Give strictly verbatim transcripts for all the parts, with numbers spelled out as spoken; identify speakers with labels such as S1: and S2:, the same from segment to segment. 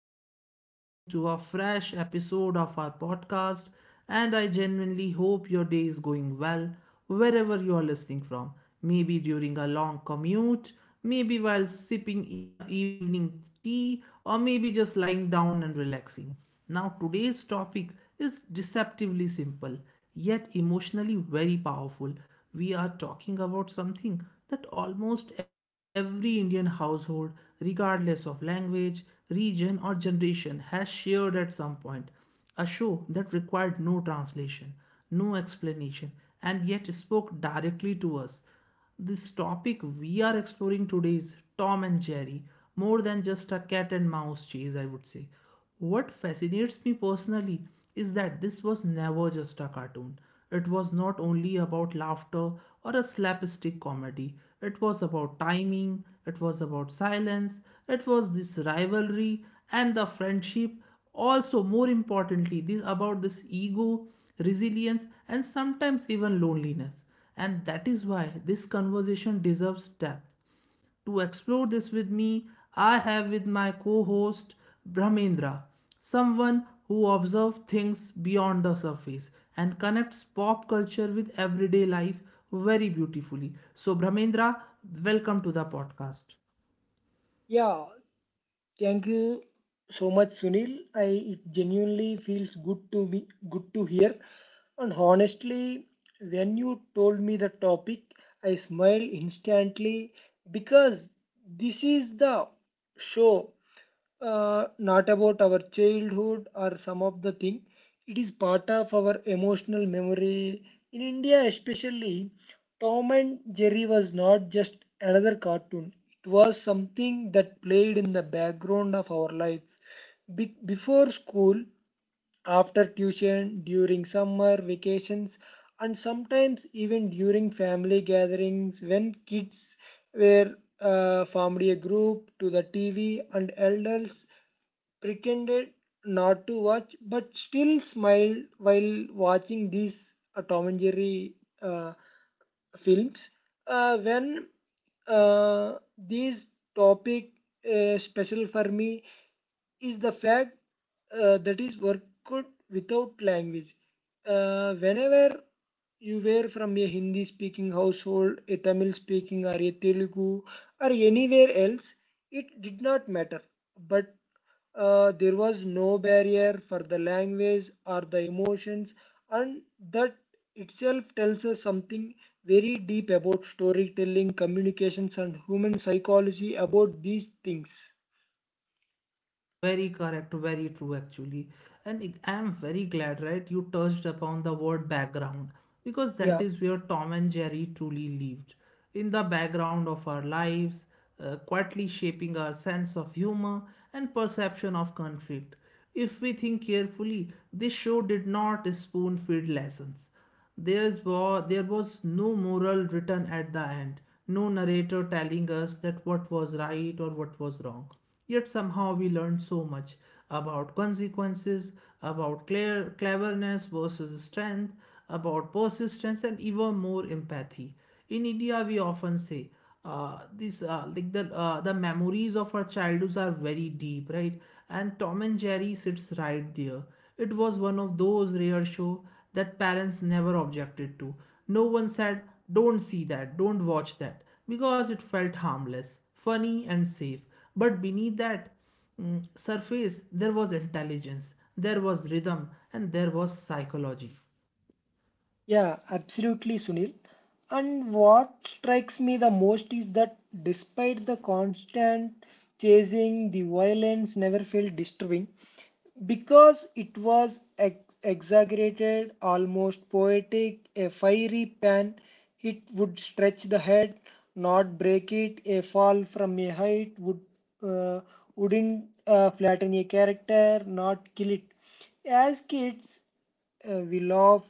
S1: You are listening to a fresh episode of our podcast, and I genuinely hope your day is going well wherever you are listening from. Maybe during a long commute, maybe while sipping in a evening tea, or maybe just lying down and relaxing. Now, today's topic is deceptively simple yet emotionally very powerful. We are talking about something that almost every Indian household, regardless of language, region, or generation, has shared at some point. A show that required no translation, no explanation, and yet spoke directly to us. This topic we are exploring today is Tom and Jerry, more than just a cat and mouse chase, I would say. What fascinates me personally is that this was never just a cartoon. It was not only about laughter or a slapstick comedy, it was about timing, it was about silence, it was this rivalry and the friendship. Also, more importantly, this about this ego, resilience, and sometimes even loneliness. And that is why this conversation deserves depth. To explore this with me, I have with my co host Brahmendra, someone who observes things beyond the surface and connects pop culture with everyday life very beautifully. So, Brahmendra, welcome to the podcast.
S2: Yeah, thank you so much, Sunil. I It genuinely feels good to me, good to hear. And honestly, when you told me the topic, I smiled instantly because this is the show uh, not about our childhood or some of the thing. It is part of our emotional memory. In India, especially, Tom and Jerry was not just another cartoon. It was something that played in the background of our lives. Be- before school, after tuition, during summer vacations, and sometimes even during family gatherings when kids were uh, formed a group to the T V and elders pretended not to watch but still smiled while watching these uh, Tom and Jerry uh, films. Uh, when uh, this topic uh, special for me is the fact uh, that is worked without language. Uh, whenever you were from a Hindi speaking household, a Tamil speaking, or a Telugu, or anywhere else, it did not matter. But uh, there was no barrier for the language or the emotions, and that itself tells us something very deep about storytelling, communications, and human psychology about these things.
S1: Very correct, very true actually. And I am very glad, right, you touched upon the word background because
S2: Yeah.
S1: that is where Tom and Jerry truly lived. In the background of our lives, uh, quietly shaping our sense of humor and perception of conflict. If we think carefully, this show did not spoon feed lessons. There's wa- there was no moral written at the end, no narrator telling us that what was right or what was wrong. Yet somehow we learned so much about consequences, about clear, cleverness versus strength, about persistence, and even more empathy. In India, we often say, uh, this uh, like the uh, the memories of our childhoods are very deep, right? And Tom and Jerry sits right there. It was one of those rare shows that parents never objected to. No one said, "Don't see that, don't watch that," because it felt harmless, funny and safe. But beneath that mm, surface, there was intelligence, there was rhythm, and there was psychology.
S2: Yeah, absolutely, Sunil. And what strikes me the most is that despite the constant chasing, the violence never felt disturbing because it was ex- exaggerated, almost poetic. A fiery pan hit would stretch the head, not break it. A fall from a height would uh, wouldn't uh, flatten a character, not kill it. As kids, uh, we laugh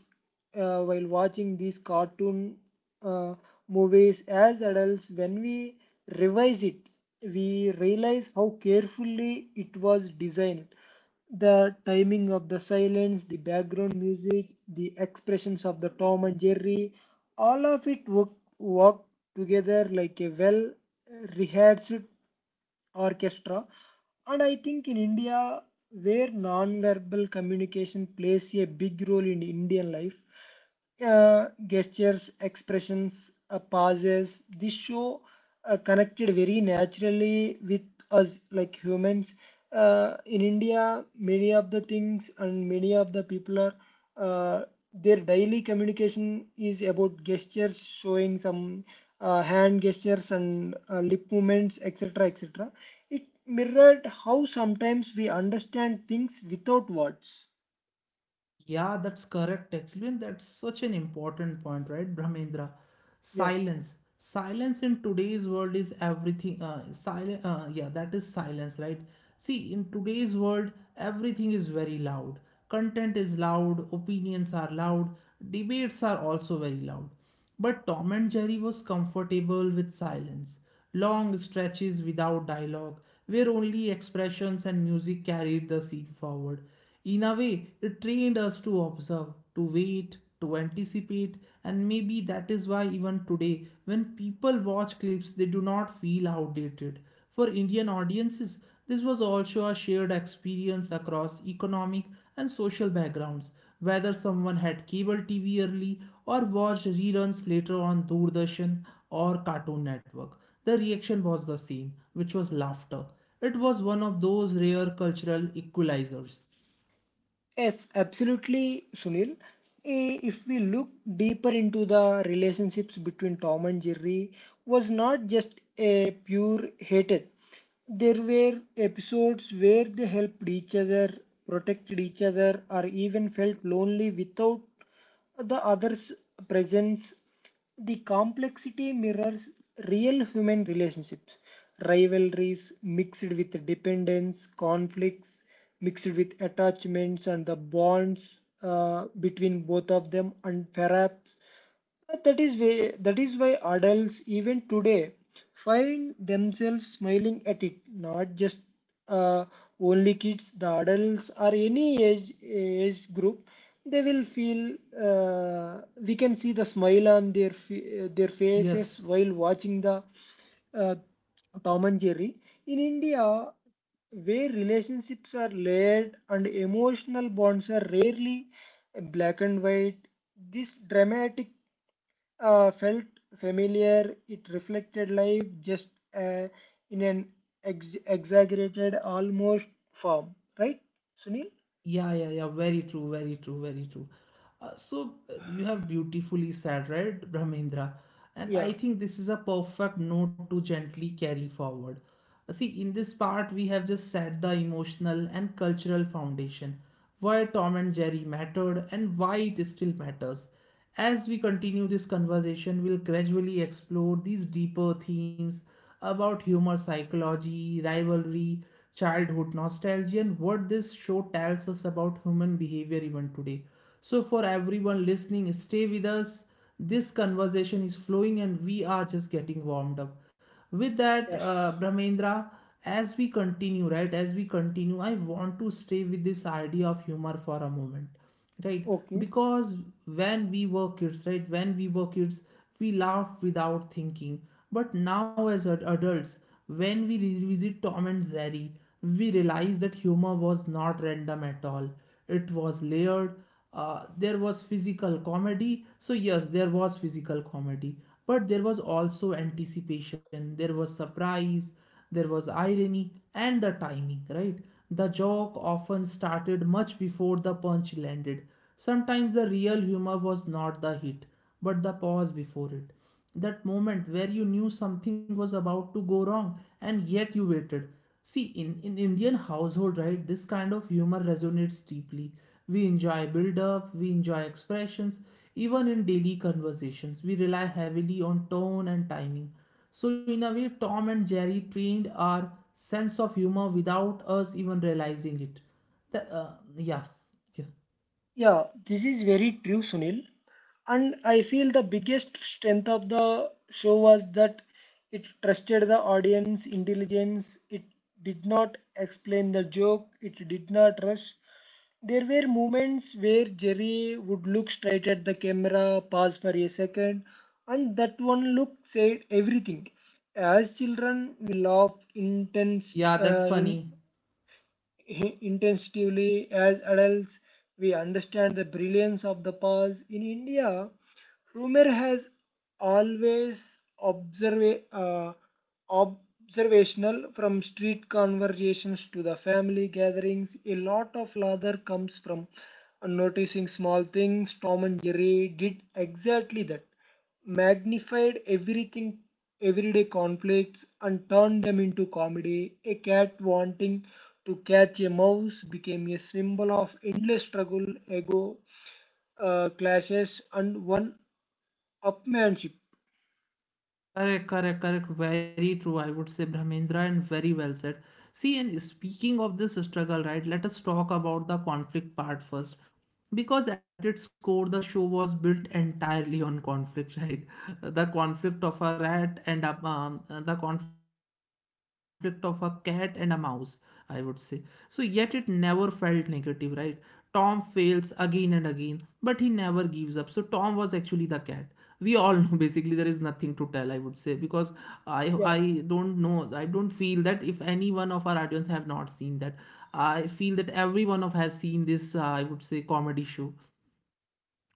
S2: uh, while watching these cartoon uh, movies. As adults, when we revise it, we realize how carefully it was designed. The timing of the silence, the background music, the expressions of the Tom and Jerry, all of it work, work together like a well rehearsed orchestra. And I think in India, where non-verbal communication plays a big role in Indian life, uh, gestures, expressions, uh, pauses, this show uh, connected very naturally with us like humans. Uh, in India, many of the things and many of the people are uh, their daily communication is about gestures, showing some uh, hand gestures and uh, lip movements, et cetera, et cetera. It mirrored how sometimes we understand things without words.
S1: Yeah, that's correct, actually, and that's such an important point, right, Brahmendra?
S2: Yeah.
S1: Silence. Silence in today's world is everything. Uh, silent. Uh, yeah, that is silence, right? See, in today's world, everything is very loud. Content is loud. Opinions are loud. Debates are also very loud. But Tom and Jerry was comfortable with silence, long stretches without dialogue, where only expressions and music carried the scene forward. In a way, it trained us to observe, to wait, to anticipate, and maybe that is why even today, when people watch clips, they do not feel outdated. For Indian audiences, this was also a shared experience across economic and social backgrounds, whether someone had cable T V early or watched reruns later on Doordarshan or Cartoon Network. The reaction was the same, which was laughter. It was one of those rare cultural equalizers.
S2: Yes, absolutely, Sunil. Eh, if we look deeper into the relationships between Tom and Jerry, was not just a pure hatred. There were episodes where they helped each other, protected each other, or even felt lonely without the other's presence. The complexity mirrors real human relationships, rivalries mixed with dependence, conflicts mixed with attachments, and the bonds uh, between both of them, and perhaps but that is way, that is why adults even today find themselves smiling at it. Not just uh, only kids, the adults or any age age group, they will feel. Uh, we can see the smile on their fa- their faces
S1: Yes.
S2: while watching the uh, Tom and Jerry. In India, where relationships are layered and emotional bonds are rarely black and white, this dramatic uh, felt familiar. It reflected life just uh, in an ex- exaggerated, almost form. Right, Sunil?
S1: Yeah, yeah, yeah. Very true, very true, very true. Uh, so uh, you have beautifully said, right, Brahmendra? And
S2: Yeah.
S1: I think this is a perfect note to gently carry forward. Uh, see, in this part, we have just set the emotional and cultural foundation, why Tom and Jerry mattered and why it still matters. As we continue this conversation, we'll gradually explore these deeper themes about humor psychology, rivalry, childhood nostalgia, and what this show tells us about human behavior even today. So, for everyone listening, stay with us. This conversation is flowing and we are just getting warmed up. With that, uh,
S2: Yes.
S1: Brahmendra, as we continue, right, as we continue, I want to stay with this idea of humor for a moment, right,
S2: Okay.
S1: because when we were kids, right, when we were kids, we laughed without thinking, but now as ad- adults when we revisit Tom and Jerry, we realize that humor was not random at all. It was layered. Uh, there was physical comedy, so yes, there was physical comedy, but there was also anticipation, there was surprise, there was irony, and the timing, right? The joke often started much before the punch landed. Sometimes the real humor was not the hit, but the pause before it, that moment where you knew something was about to go wrong and yet you waited. See, in in Indian household, right, this kind of humor resonates deeply. We enjoy build up, we enjoy expressions, even in daily conversations we rely heavily on tone and timing. So in a way, Tom and Jerry trained our sense of humor without us even realizing it. The- uh, yeah, yeah,
S2: Yeah, this is very true, Sunil. And I feel the biggest strength of the show was that it trusted the audience intelligence. It did not explain the joke. It did not rush. There were moments where Jerry would look straight at the camera, pause for a second, and that one look said everything. As children, we laughed intense,
S1: yeah, that's
S2: uh,
S1: funny.
S2: i- intensively. As adults, we understand the brilliance of the past. In India, rumor has always observa- uh, observational from street conversations to the family gatherings. A lot of lather comes from noticing small things. Tom and Jerry did exactly that, magnified everything, everyday conflicts, and turned them into comedy. A cat wanting to catch a mouse became a symbol of endless struggle, ego uh, clashes, and one upmanship.
S1: Correct, correct, correct. Very true. I would say Brahmendra and very well said. See, and speaking of this struggle, right, let us talk about the conflict part first. Because at its core, the show was built entirely on conflict, right? The conflict of a rat and a, um, the conflict of a cat and a mouse, I would say. So, yet it never felt negative, right? Tom fails again and again, but he never gives up. So, Tom was actually the cat we all know. Basically, there is nothing to tell, I would say, because i i
S2: Yeah.
S1: don't know. I don't feel that if any one of our audience have not seen that. I feel that everyone of has seen this, uh, I would say, comedy show,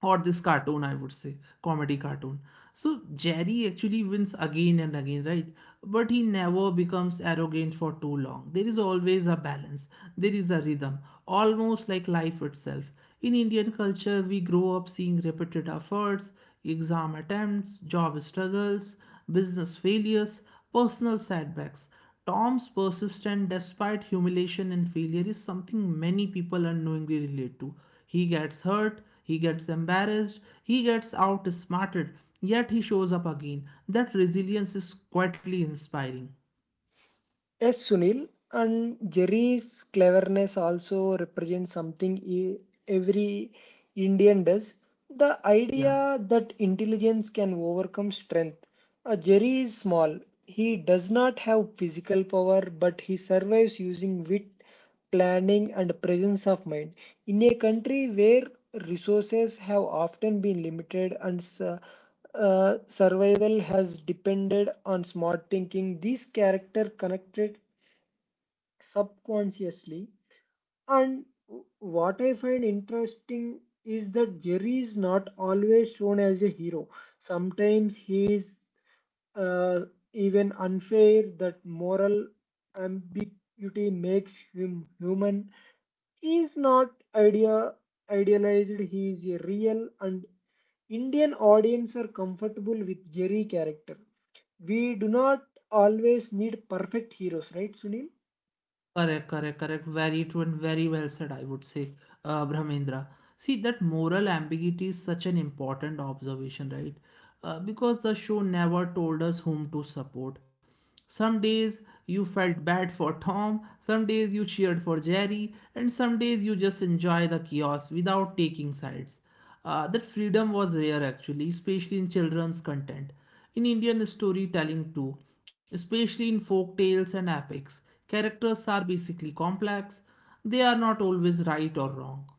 S1: or this cartoon, I would say, comedy cartoon. So Jerry actually wins again and again, right? But he never becomes arrogant for too long. There is always a balance, there is a rhythm, almost like life itself. In Indian culture, we grow up seeing repeated efforts, exam attempts, job struggles, business failures, personal setbacks. Tom's persistence despite humiliation and failure is something many people unknowingly relate to. He gets hurt, he gets embarrassed, he gets outsmarted, yet he shows up again. That resilience is quietly inspiring.
S2: Yes, Sunil. And Jerry's cleverness also represents something e- every Indian does. The
S1: Yeah,
S2: idea that intelligence can overcome strength. Uh, Jerry is small. He does not have physical power, but he survives using wit, planning, and presence of mind. In a country where resources have often been limited and s- uh, survival has depended on smart thinking. These character connected subconsciously. And what I find interesting is that Jerry is not always shown as a hero. Sometimes he is uh, even unfair. That moral ambiguity makes him human. He is not idea idealized. He is a real and Indian audience are comfortable with Jerry character. We do not always need perfect heroes, right, Sunil?
S1: correct, correct, correct. Very true and very well said, I would say, uh, Brahmendra. See, that moral ambiguity is such an important observation, right? Uh, because the show never told us whom to support. Some days you felt bad for Tom, some days you cheered for Jerry, and some days you just enjoy the chaos without taking sides. Uh, that freedom was rare actually, especially in children's content. In Indian storytelling too, especially in folk tales and epics, characters are basically complex. They are not always right or wrong.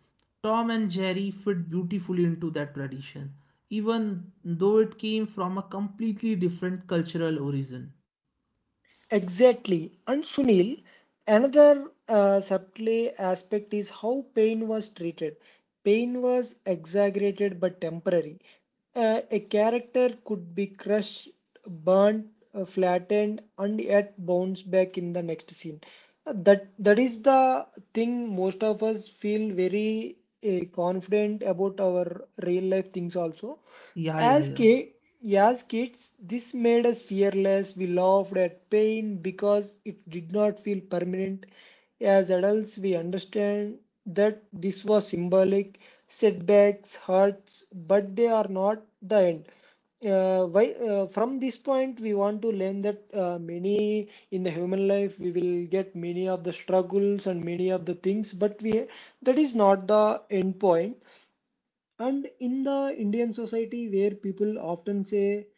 S1: Tom and Jerry fit beautifully into that tradition, even though it came from a completely different cultural origin.
S2: Exactly. And Sunil, another uh, subtle aspect is how pain was treated. Pain was exaggerated but temporary. Uh, a character could be crushed, burnt, uh, flattened, and yet bounce back in the next scene. Uh, That that is the thing most of us feel very uh, confident about our real life things also.
S1: Yeah, yeah,
S2: As,
S1: yeah.
S2: ki- as kids, this made us fearless. We laughed at pain because it did not feel permanent. As adults, we understand that this was symbolic. Setbacks, hurts, but they are not the end. Uh, why, uh, from this point, we want to learn that uh, many in the human life we will get many of the struggles and many of the things, but we that is not the end point. And in the Indian society, where people often say,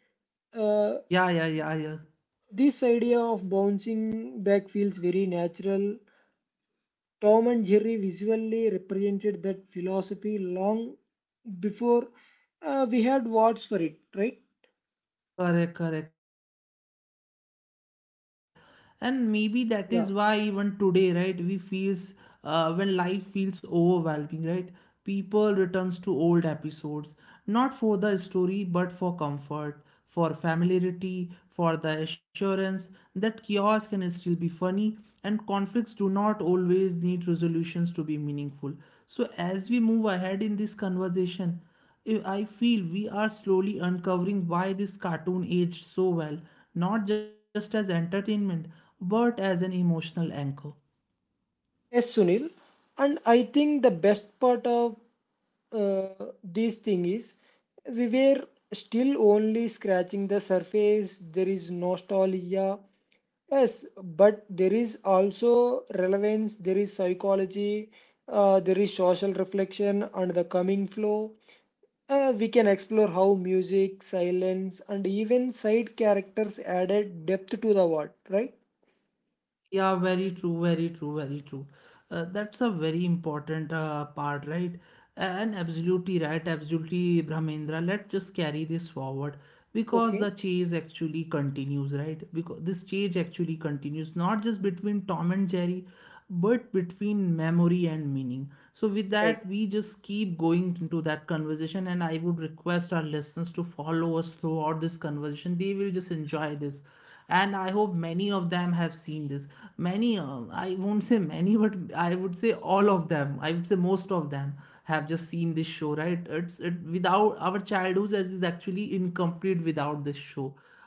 S2: uh,
S1: Yeah, yeah, yeah, yeah.
S2: this idea of bouncing back feels very natural. Tom and Jerry visually represented that philosophy long before uh, we had words for it, right?
S1: Correct, correct, correct. That is actually beautifully put, right? And maybe that
S2: Yeah.
S1: is why even today, right, we feels uh, when life feels overwhelming, right? People returns to old episodes, not for the story, but for comfort, for familiarity, for the assurance that chaos can still be funny, and conflicts do not always need resolutions to be meaningful. So as we move ahead in this conversation, I I feel we are slowly uncovering why this cartoon aged so well, not just as entertainment, but as an emotional anchor.
S2: Yes, Sunil. And I think the best part of uh, this thing is we were still only scratching the surface. There is nostalgia. Yes, but there is also relevance, there is psychology, uh, there is social reflection and the coming flow. Uh, we can explore how music, silence, and even side characters added depth to the world, right?
S1: Yeah, very true, very true, very true. Uh, that's a very important uh, part, right? And absolutely right, absolutely, Brahmendra. Let's just carry this forward because the
S2: Okay,
S1: chase actually continues, right? Because this chase actually continues not just between Tom and Jerry, but between memory and meaning. So, with that,
S2: right.
S1: we just keep going into that conversation, and I would request our listeners to follow us throughout this conversation. They will just enjoy this, and I hope many of them have seen this. Many, uh, I won't say many, but I would say all of them, I would say most of them, have just seen this show, right? It's it without our childhood is actually incomplete without this show.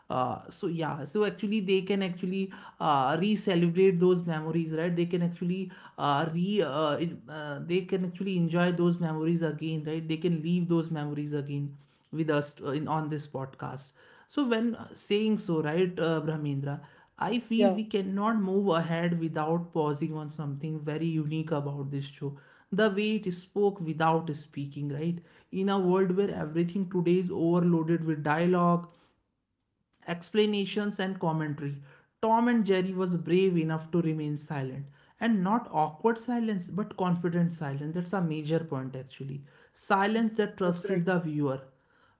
S1: uh, So yeah, so actually they can actually uh, re-celebrate those memories, right? They can actually uh, re uh, in- uh, they can actually enjoy those memories again, right? They can leave those memories again with us, uh, in on this podcast. So, when uh, saying so, right, uh, Brahmendra, I feel
S2: Yeah,
S1: we cannot move ahead without pausing on something very unique about this show. The way it spoke without speaking, right? In a world where everything today is overloaded with dialogue, explanations and commentary, Tom and Jerry was brave enough to remain silent. And not awkward silence, but confident silence. That's a major point, actually. Silence that
S2: that's
S1: trusted
S2: right.
S1: the viewer.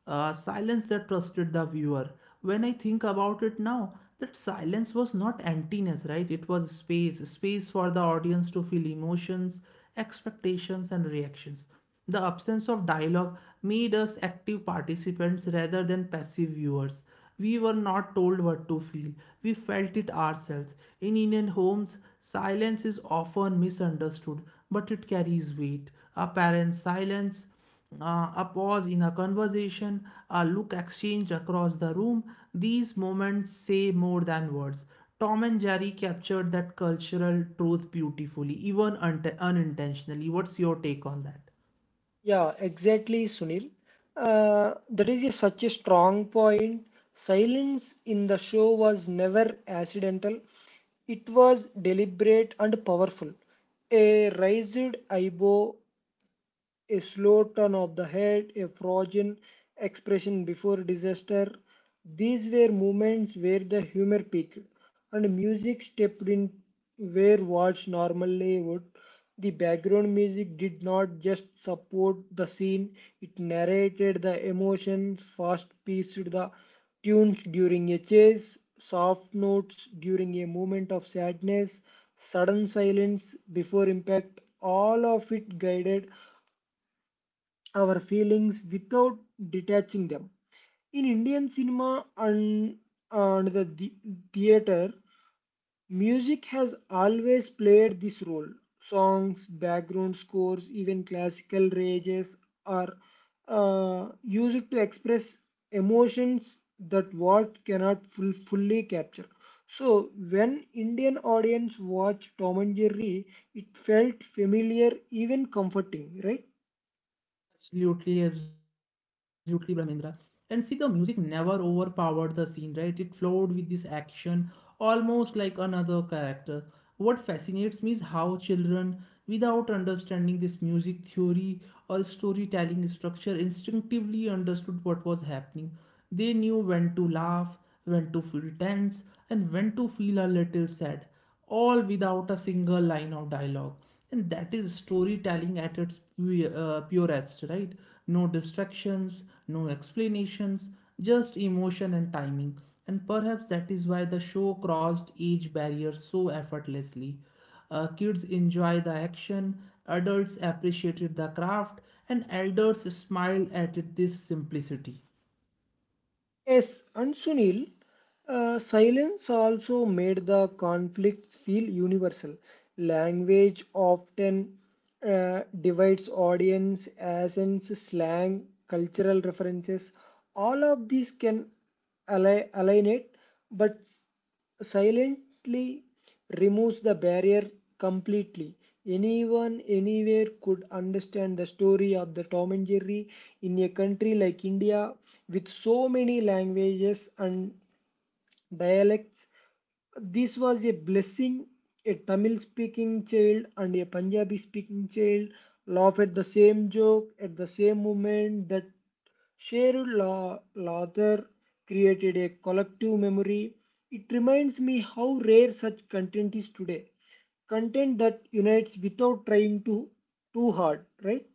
S1: Uh, silence that trusted the viewer. When I think about it now, that silence was not emptiness, right? It was space, space for the audience to feel emotions, expectations, and reactions. The absence of dialogue made us active participants rather than passive viewers. We were not told what to feel, we felt it ourselves. In Indian homes, silence is often misunderstood, but it carries weight. A parent's silence, uh, a pause in a conversation, a look exchanged across the room, these moments say more than words. Tom and Jerry captured that cultural truth beautifully, even unt- unintentionally. What's your take on that?
S2: Yeah, exactly, Sunil. Uh, that is a, such a strong point. Silence in the show was never accidental. It was deliberate and powerful. A raised eyebrow, a slow turn of the head, a frozen expression before disaster. These were moments where the humor peaked and music stepped in where words normally would. The background music did not just support the scene, it narrated the emotions, fast paced the tunes during a chase, soft notes during a moment of sadness, sudden silence before impact. All of it guided our feelings without detaching them. In Indian cinema and, and the the- theater, music has always played this role. Songs, background scores, even classical rages are uh, used to express emotions that words cannot full, fully capture. So when Indian audience watched Tom and Jerry, it felt familiar, even comforting, right?
S1: Absolutely, absolutely, Brahmendra. And see, the music never overpowered the scene, right? It flowed with this action, almost like another character. What fascinates me is how children, without understanding this music theory or storytelling structure, instinctively understood what was happening. They knew when to laugh, when to feel tense, and when to feel a little sad, all without a single line of dialogue, and that is storytelling at its pu- uh, purest, right? No distractions, no explanations, just emotion and timing, and perhaps that is why the show crossed age barriers so effortlessly. Uh, kids enjoy the action, adults appreciated the craft, and elders smiled at it, this simplicity.
S2: Yes, and Sunil, uh, silence also made the conflict feel universal. Language often uh, divides audience, accents, slang, cultural references. All of these can ali- alienate, but silently removes the barrier completely. Anyone, anywhere could understand the story of the Tom and Jerry. In a country like India with so many languages and dialects, this was a blessing. A Tamil speaking child and a Punjabi speaking child laugh at the same joke at the same moment. That shared la- laughter created a collective memory. It reminds me how rare such content is today. Content that unites without trying to too hard, right?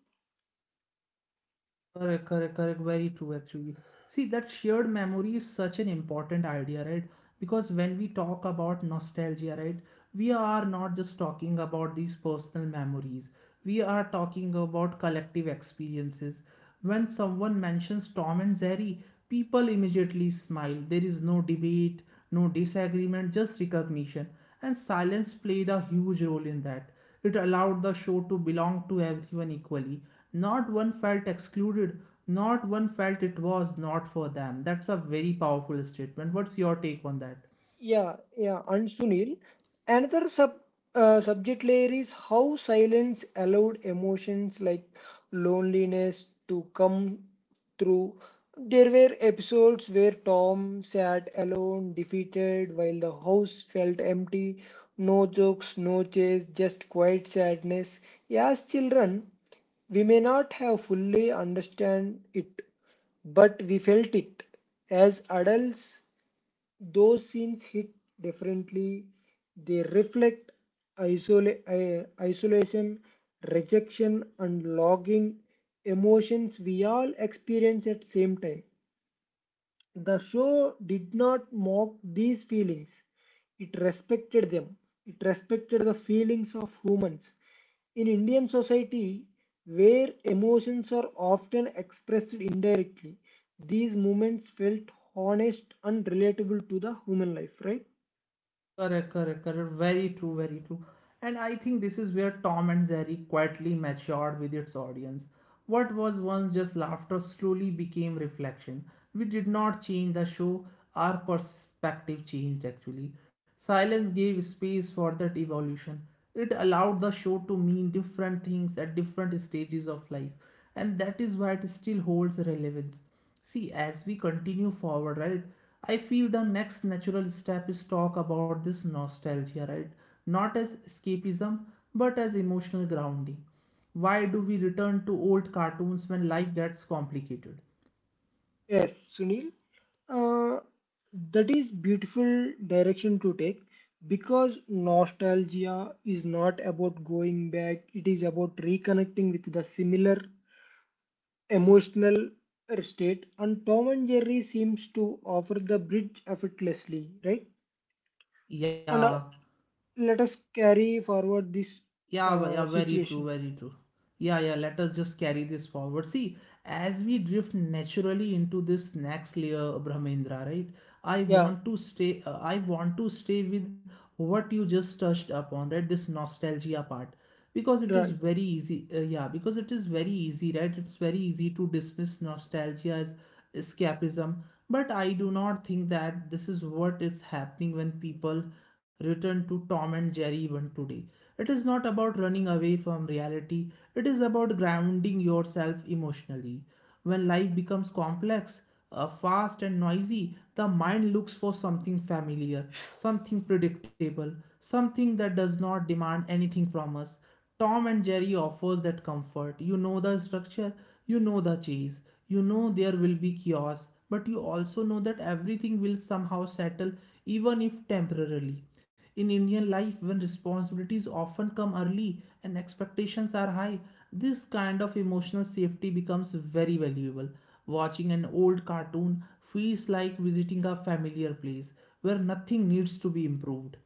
S1: Correct, correct, correct. Very true, actually. See, that shared memory is such an important idea, right? Because when we talk about nostalgia, right, we are not just talking about these personal memories, we are talking about collective experiences. When someone mentions Tom and Jerry, people immediately smile. There is no debate, no disagreement, just recognition. And silence played a huge role in that. It allowed the show to belong to everyone equally. Not one felt excluded, not one felt it was not for them. That's a very powerful statement. What's your take on that?
S2: Yeah, yeah, and Sunil, another sub uh, subject layer is how silence allowed emotions like loneliness to come through. There were episodes where Tom sat alone, defeated, while the house felt empty. No jokes, no chase, just quiet sadness. As children, we may not have fully understand it, but we felt it. As adults, those scenes hit differently. They reflect isola- i- isolation, rejection, and longing emotions we all experience at same time. The show did not mock these feelings, it respected them. It respected the feelings of humans. In Indian society, where emotions are often expressed indirectly, these moments felt honest and relatable to the human life, right?
S1: Correct, correct, correct. Very true, very true. And I think this is where Tom and Jerry quietly matured with its audience. What was once just laughter slowly became reflection. We did not change the show, our perspective changed actually. Silence gave space for that evolution. It allowed the show to mean different things at different stages of life, and that is why it still holds relevance. See, as we continue forward, right, I feel the next natural step is talk about this nostalgia, right? Not as escapism, but as emotional grounding. Why do we return to old cartoons when life gets complicated?
S2: Yes, Sunil. Uh, that is beautiful direction to take because nostalgia is not about going back, it is about reconnecting with the similar emotional state, and Tom and Jerry seems to offer the bridge effortlessly, right?
S1: Yeah.
S2: And uh, let us carry forward this
S1: Yeah, v- yeah,
S2: uh,
S1: very true,
S2: situation.
S1: very true. Yeah, yeah, let us just carry this forward. See, as we drift naturally into this next layer, Brahmendra, right? I
S2: Yeah,
S1: want to stay, uh, I want to stay with what you just touched upon, right? This nostalgia part. Because it is
S2: right.
S1: very easy, uh, Yeah, because it is very easy, right? It's very easy to dismiss nostalgia as escapism. But I do not think that this is what is happening when people return to Tom and Jerry even today. It is not about running away from reality, it is about grounding yourself emotionally. When life becomes complex, uh, fast, and noisy, the mind looks for something familiar, something predictable, something that does not demand anything from us. Tom and Jerry offers that comfort. You know the structure, you know the cheese, you know there will be chaos, but you also know that everything will somehow settle, even if temporarily. In Indian life, when responsibilities often come early and expectations are high, this kind of emotional safety becomes very valuable. Watching an old cartoon feels like visiting a familiar place where nothing needs to be improved.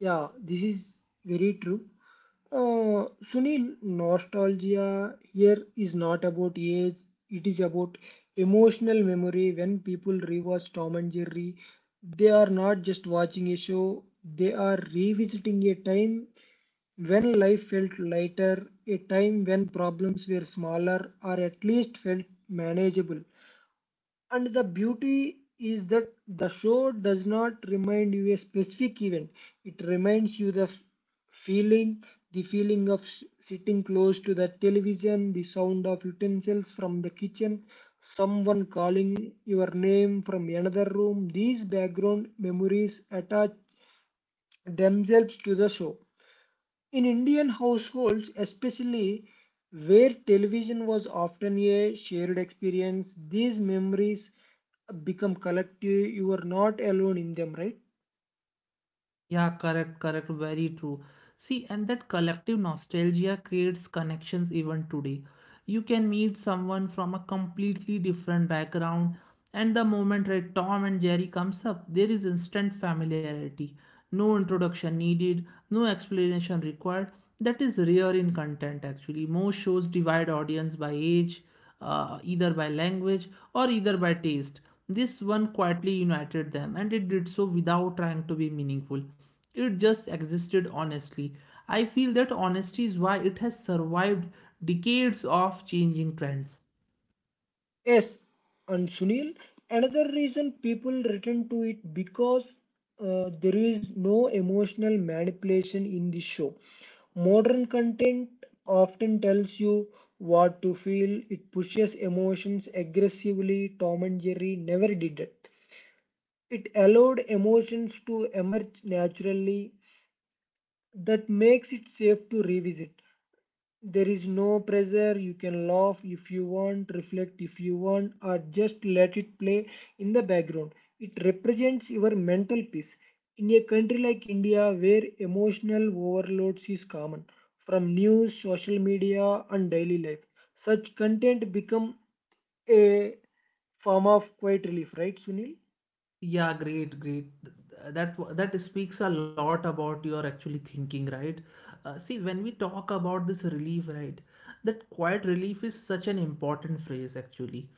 S2: Yeah, this is very true. Uh, Sunil, nostalgia here is not about age, it is about emotional memory. When people rewatch Tom and Jerry, they are not just watching a show, they are revisiting a time when life felt lighter, a time when problems were smaller or at least felt manageable. And the beauty is that the show does not remind you a specific event, it reminds you the f- feeling, the feeling of s- sitting close to the television, the sound of utensils from the kitchen, someone calling your name from another room. These background memories attach themselves to the show in Indian households, especially where television was often a shared experience, these memories become collective. You are not alone in them, right?
S1: Yeah, correct, correct, very true. See, and that collective nostalgia creates connections even today. You can meet someone from a completely different background, and the moment Red Tom and Jerry comes up, there is instant familiarity. No introduction needed, no explanation required. That is rare in content actually. Most shows divide audience by age, uh, either by language or either by taste. This one quietly united them, and it did so without trying to be meaningful. It just existed honestly. I feel that honesty is why it has survived decades of changing trends.
S2: Yes. And Sunil, another reason people return to it because uh, there is no emotional manipulation in the show. Modern content often tells you what to feel. It pushes emotions aggressively. Tom and Jerry never did it. It allowed emotions to emerge naturally, that makes it safe to revisit. There is no pressure, you can laugh if you want, reflect if you want, or just let it play in the background. It represents your mental peace. In a country like India, where emotional overloads is common, from news, social media, and daily life, such content become a form of quiet relief, right, Sunil?
S1: Yeah, great, great. That that speaks a lot about your actually thinking, right? Uh, see, when we talk about this relief, right, that quiet relief is such an important phrase actually.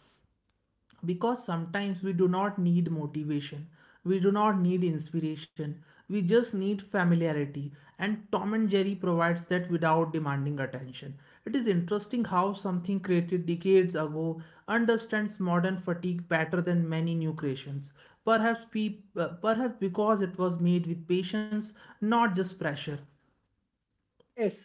S1: Because sometimes we do not need motivation, we do not need inspiration, we just need familiarity, and Tom and Jerry provides that without demanding attention. It is interesting how something created decades ago understands modern fatigue better than many new creations, perhaps pe- uh, perhaps because it was made with patience, not just pressure.
S2: Yes.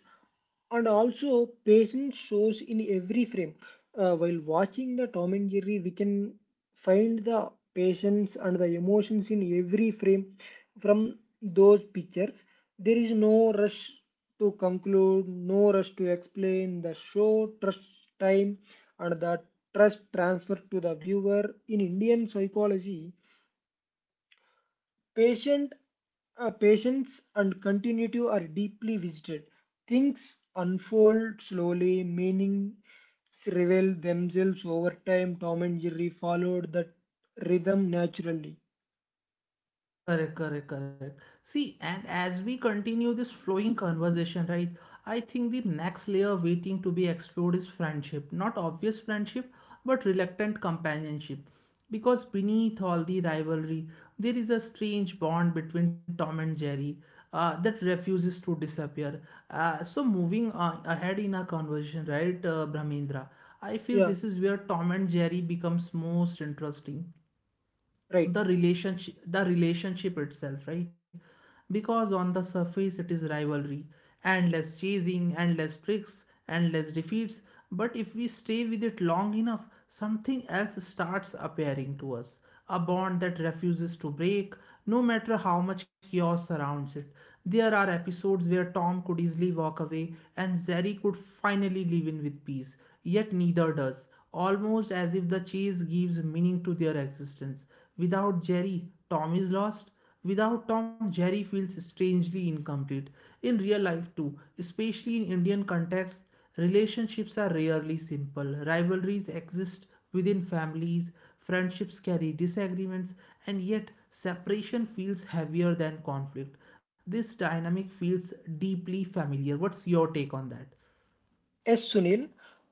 S2: And also patience shows in every frame. Uh, while watching the Tom and Jerry we can find the patience and the emotions in every frame, from those pictures. There is no rush to conclude, no rush to explain the show. Trust, time, and the trust transfer to the viewer. In Indian psychology, Patient, uh, patience and continuity are deeply visited. Things unfold slowly, meanings reveal themselves over time. Tom and Jerry followed that rhythm naturally.
S1: Correct, correct, correct. See, and as we continue this flowing conversation, right, I think the next layer waiting to be explored is friendship. Not obvious friendship, but reluctant companionship. Because beneath all the rivalry, there is a strange bond between Tom and Jerry uh, that refuses to disappear. Uh, so, moving uh, ahead in our conversation, right, uh, Brahmendra, I feel
S2: Yeah,
S1: this is where Tom and Jerry becomes most interesting,
S2: right.
S1: the relationship the relationship itself, right? Because on the surface it is rivalry, endless chasing, endless tricks, endless defeats, but if we stay with it long enough, something else starts appearing to us, a bond that refuses to break, no matter how much chaos surrounds it. There are episodes where Tom could easily walk away and Zeri could finally live in with peace, yet neither does, almost as if the chase gives meaning to their existence. Without Jerry, Tom is lost. Without Tom, Jerry feels strangely incomplete. In real life, too, especially in Indian context, relationships are rarely simple. Rivalries exist within families, friendships carry disagreements, and yet separation feels heavier than conflict. This dynamic feels deeply familiar. What's your take on that?
S2: Yes, Sunil,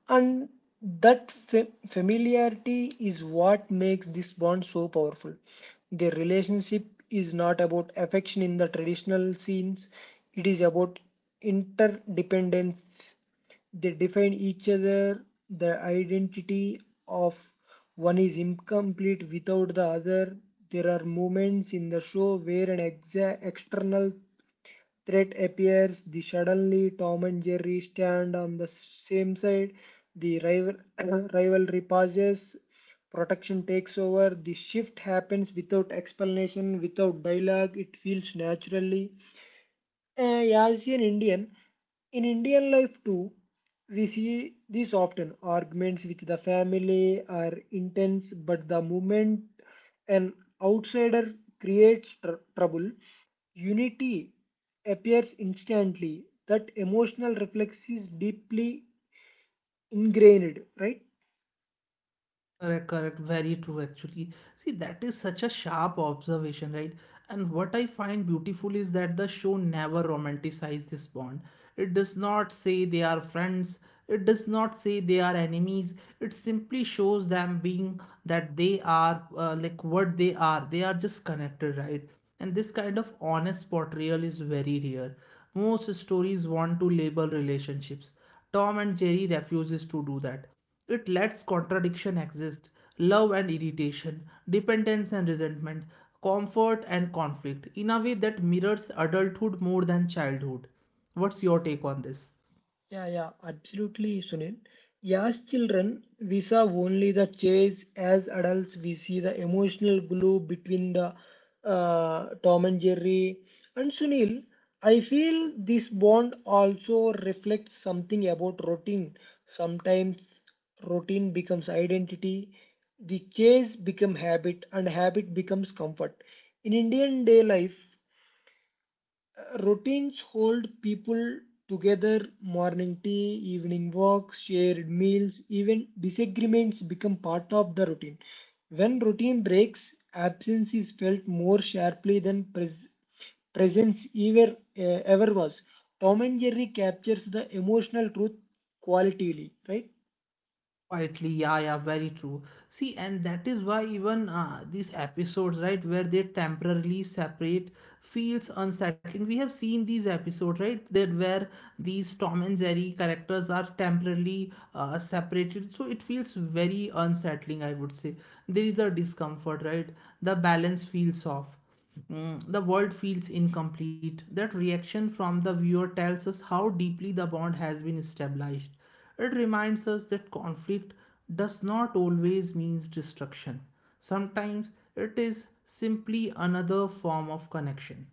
S2: and that fa- familiarity is what makes this bond so powerful. Their relationship is not about affection in the traditional scenes, it is about interdependence. They define each other, the identity of one is incomplete without the other. There are moments in the show where an exa- external threat appears, the suddenly Tom and Jerry stand on the same side, the rival rivalry pauses, protection takes over, the shift happens without explanation, without dialogue, it feels naturally. Uh, as an Indian, in Indian life too, we see this often. Arguments with the family are intense, but the moment an outsider creates tr- trouble, unity appears instantly. That emotional reflex is deeply ingrained, right?
S1: Correct, correct. Very true, actually. See, that is such a sharp observation, right? And what I find beautiful is that the show never romanticizes this bond. It does not say they are friends, it does not say they are enemies. It simply shows them being, that they are uh, like what they are. They are just connected, right? And this kind of honest portrayal is very rare. Most stories want to label relationships. Tom and Jerry refuses to do that. It lets contradiction exist, love and irritation, dependence and resentment, comfort and conflict, in a way that mirrors adulthood more than childhood. What's your take on this?
S2: Yeah, yeah, absolutely, Sunil. Yeah, as children, we saw only the chase. As adults, we see the emotional glue between the uh, Tom and Jerry. And Sunil, I feel this bond also reflects something about routine. Sometimes routine becomes identity, the chase becomes habit, and habit becomes comfort. In Indian day life, uh, routines hold people together. Morning tea, evening walks, shared meals, even disagreements become part of the routine. When routine breaks, absence is felt more sharply than pres- presence ever, uh, ever was. Tom and Jerry captures the emotional truth qualitatively, right?
S1: Quietly, yeah, yeah, very true. See, and that is why even uh, these episodes, right, where they temporarily separate, feels unsettling. We have seen these episodes, right, that where these Tom and Jerry characters are temporarily uh, separated, so it feels very unsettling, I would say. There is a discomfort, right? The balance feels off. Mm, the world feels incomplete. That reaction from the viewer tells us how deeply the bond has been established. It reminds us that conflict does not always mean destruction. Sometimes it is simply another form of connection.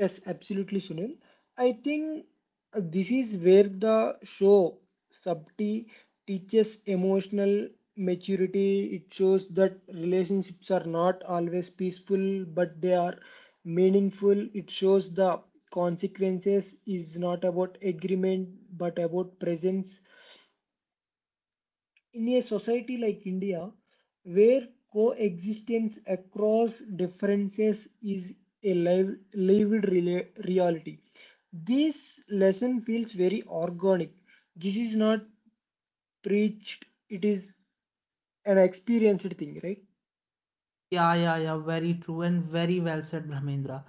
S2: Yes, absolutely, Sunil. I think uh, this is where the show Sabti teaches emotional maturity. It shows that relationships are not always peaceful, but they are meaningful. It shows the consequences is not about agreement, but about presence in a society like India, where coexistence across differences is a live, lived rela- reality, this lesson feels very organic. This is not preached, it is an experienced thing, right?
S1: Yeah, yeah, yeah, very true and very well said, Brahmendra.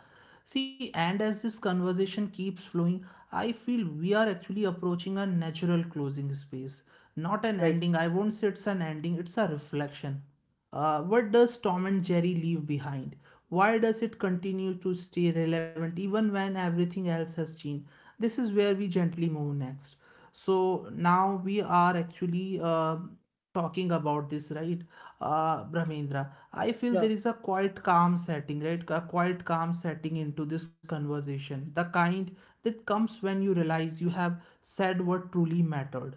S1: See, and as this conversation keeps flowing, I feel we are actually approaching a natural closing space, not an
S2: Right,
S1: ending. I won't say it's an ending, it's a reflection. Uh, what does Tom and Jerry leave behind? Why does it continue to stay relevant even when everything else has changed? This is where we gently move next. So now we are actually uh, talking about this, right? Uh, Brahmendra, I feel there
S2: yeah,
S1: is a quite calm setting, right? A quite calm setting into this conversation. The kind that comes when you realize you have said what truly mattered.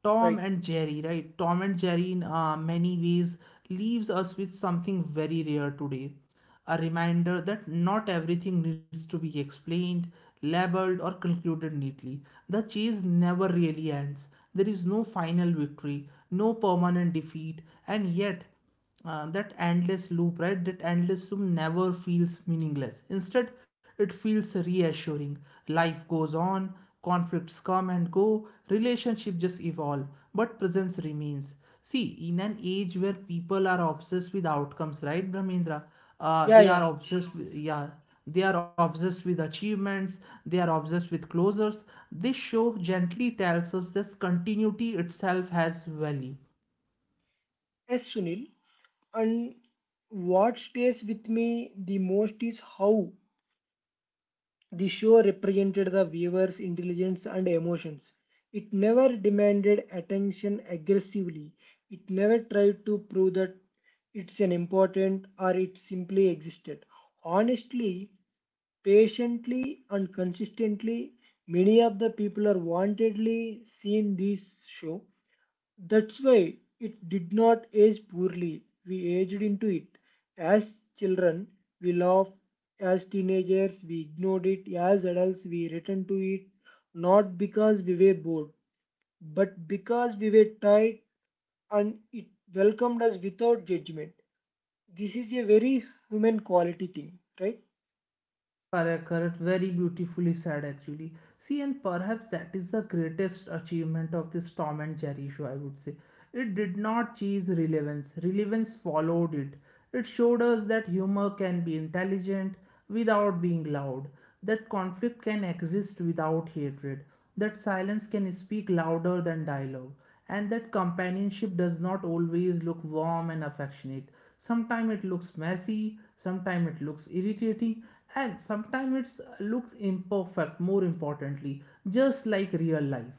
S1: Tom
S2: right.
S1: and Jerry, right? Tom and Jerry, in uh, many ways, leaves us with something very rare today, a reminder that not everything needs to be explained, labeled, or concluded neatly. The chase never really ends. There is no final victory, no permanent defeat, and yet uh, that endless loop, right? That endless loop never feels meaningless. Instead, it feels reassuring. Life goes on, conflicts come and go, relationships just evolve, but presence remains. See, in an age where people are obsessed with outcomes, right, Brahmendra? Uh,
S2: Yeah,
S1: they are
S2: yeah.
S1: obsessed with, Yeah, they are obsessed with achievements, they are obsessed with closures. This show gently tells us that continuity itself has value.
S2: Yes, Sunil. And what stays with me the most is how the show represented the viewer's intelligence and emotions. It never demanded attention aggressively. It never tried to prove that it's an important or it simply existed. Honestly, patiently, and consistently, many of the people are wantedly seeing this show, that's why it did not age poorly. We aged into it. As children, we laughed. As teenagers, we ignored it. As adults, we returned to it. Not because we were bored, but because we were tired, and it welcomed us without judgment. This is a very human quality thing, right?
S1: Correct, correct. Very beautifully said, actually. See, and perhaps that is the greatest achievement of this Tom and Jerry show, I would say. It did not chase relevance, relevance followed it. It showed us that humor can be intelligent without being loud, that conflict can exist without hatred, that silence can speak louder than dialogue, and that companionship does not always look warm and affectionate. Sometimes it looks messy, sometimes it looks irritating, and sometimes it looks imperfect, more importantly, just like real life.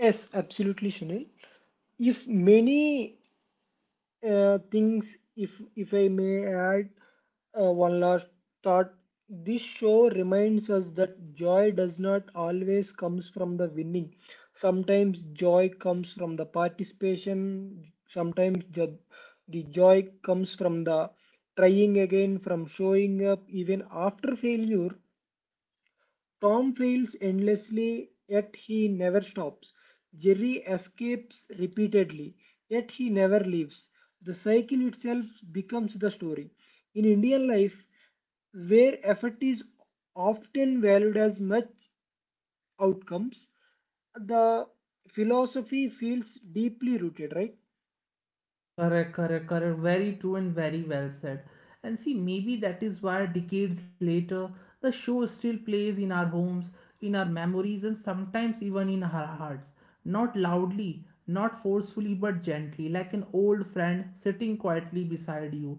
S2: Yes, absolutely, Sunil. If many uh, things, if if I may add uh, one last thought, this show reminds us that joy does not always comes from the winning. Sometimes joy comes from the participation. Sometimes jo- the joy comes from the trying again, from showing up even after failure. Tom fails endlessly, yet he never stops. Jerry escapes repeatedly, yet he never leaves. The cycle itself becomes the story. In Indian life, where effort is often valued as much outcomes, the philosophy feels deeply rooted, right?
S1: Correct, correct, correct. Very true and very well said. And see, maybe that is why decades later, the show still plays in our homes, in our memories, and sometimes even in our hearts. Not loudly, not forcefully, but gently, like an old friend sitting quietly beside you.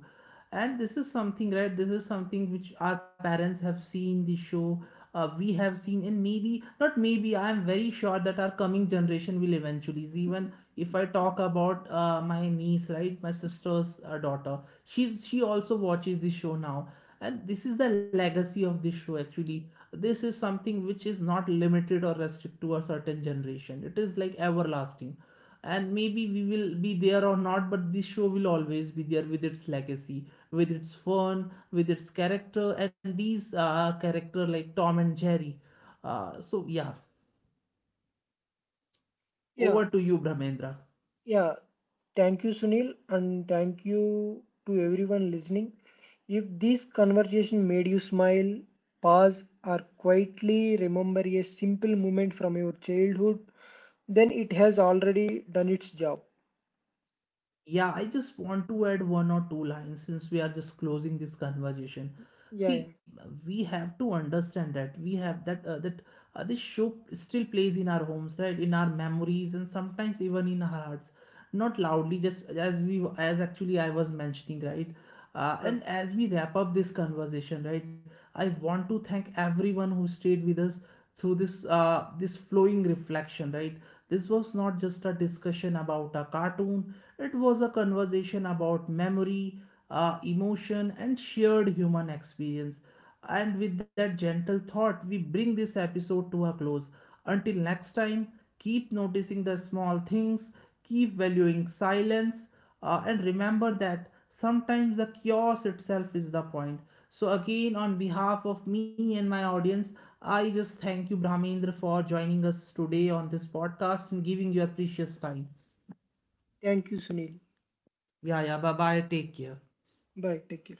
S1: And this is something, right, this is something which our parents have seen the show, uh, we have seen, and maybe not maybe I'm very sure that our coming generation will eventually see. Even if I talk about uh, my niece, right, my sister's uh, daughter, she's she also watches this show now. And this is the legacy of this show actually. This is something which is not limited or restricted to a certain generation, it is like everlasting. And maybe we will be there or not, but this show will always be there with its legacy, with its fun, with its character, and these uh, character like Tom and Jerry. Uh, so, yeah,
S2: Yeah,
S1: over to you, Brahmendra.
S2: yeah, thank you, Sunil, and thank you to everyone listening. If this conversation made you smile, pause, or quietly remember a simple moment from your childhood, then it has already done its job.
S1: Yeah, I just want to add one or two lines since we are just closing this conversation.
S2: Yeah, yeah.
S1: See, we have to understand that we have that uh, that uh, this show still plays in our homes, right? In our memories and sometimes even in our hearts. Not loudly, just as we, as actually I was mentioning, right? Uh,
S2: Right.
S1: and as we wrap up this conversation, right, I want to thank everyone who stayed with us through this uh, this flowing reflection, right? This was not just a discussion about a cartoon, it was a conversation about memory, uh, emotion, and shared human experience. And with that gentle thought, we bring this episode to a close. Until next time, keep noticing the small things, keep valuing silence, uh, and remember that sometimes the chaos itself is the point. So, again, on behalf of me and my audience, I just thank you, Brahmendra, for joining us today on this podcast and giving your precious time.
S2: Thank you, Sunil.
S1: Yeah, yeah, bye bye. Take care.
S2: Bye. Take care.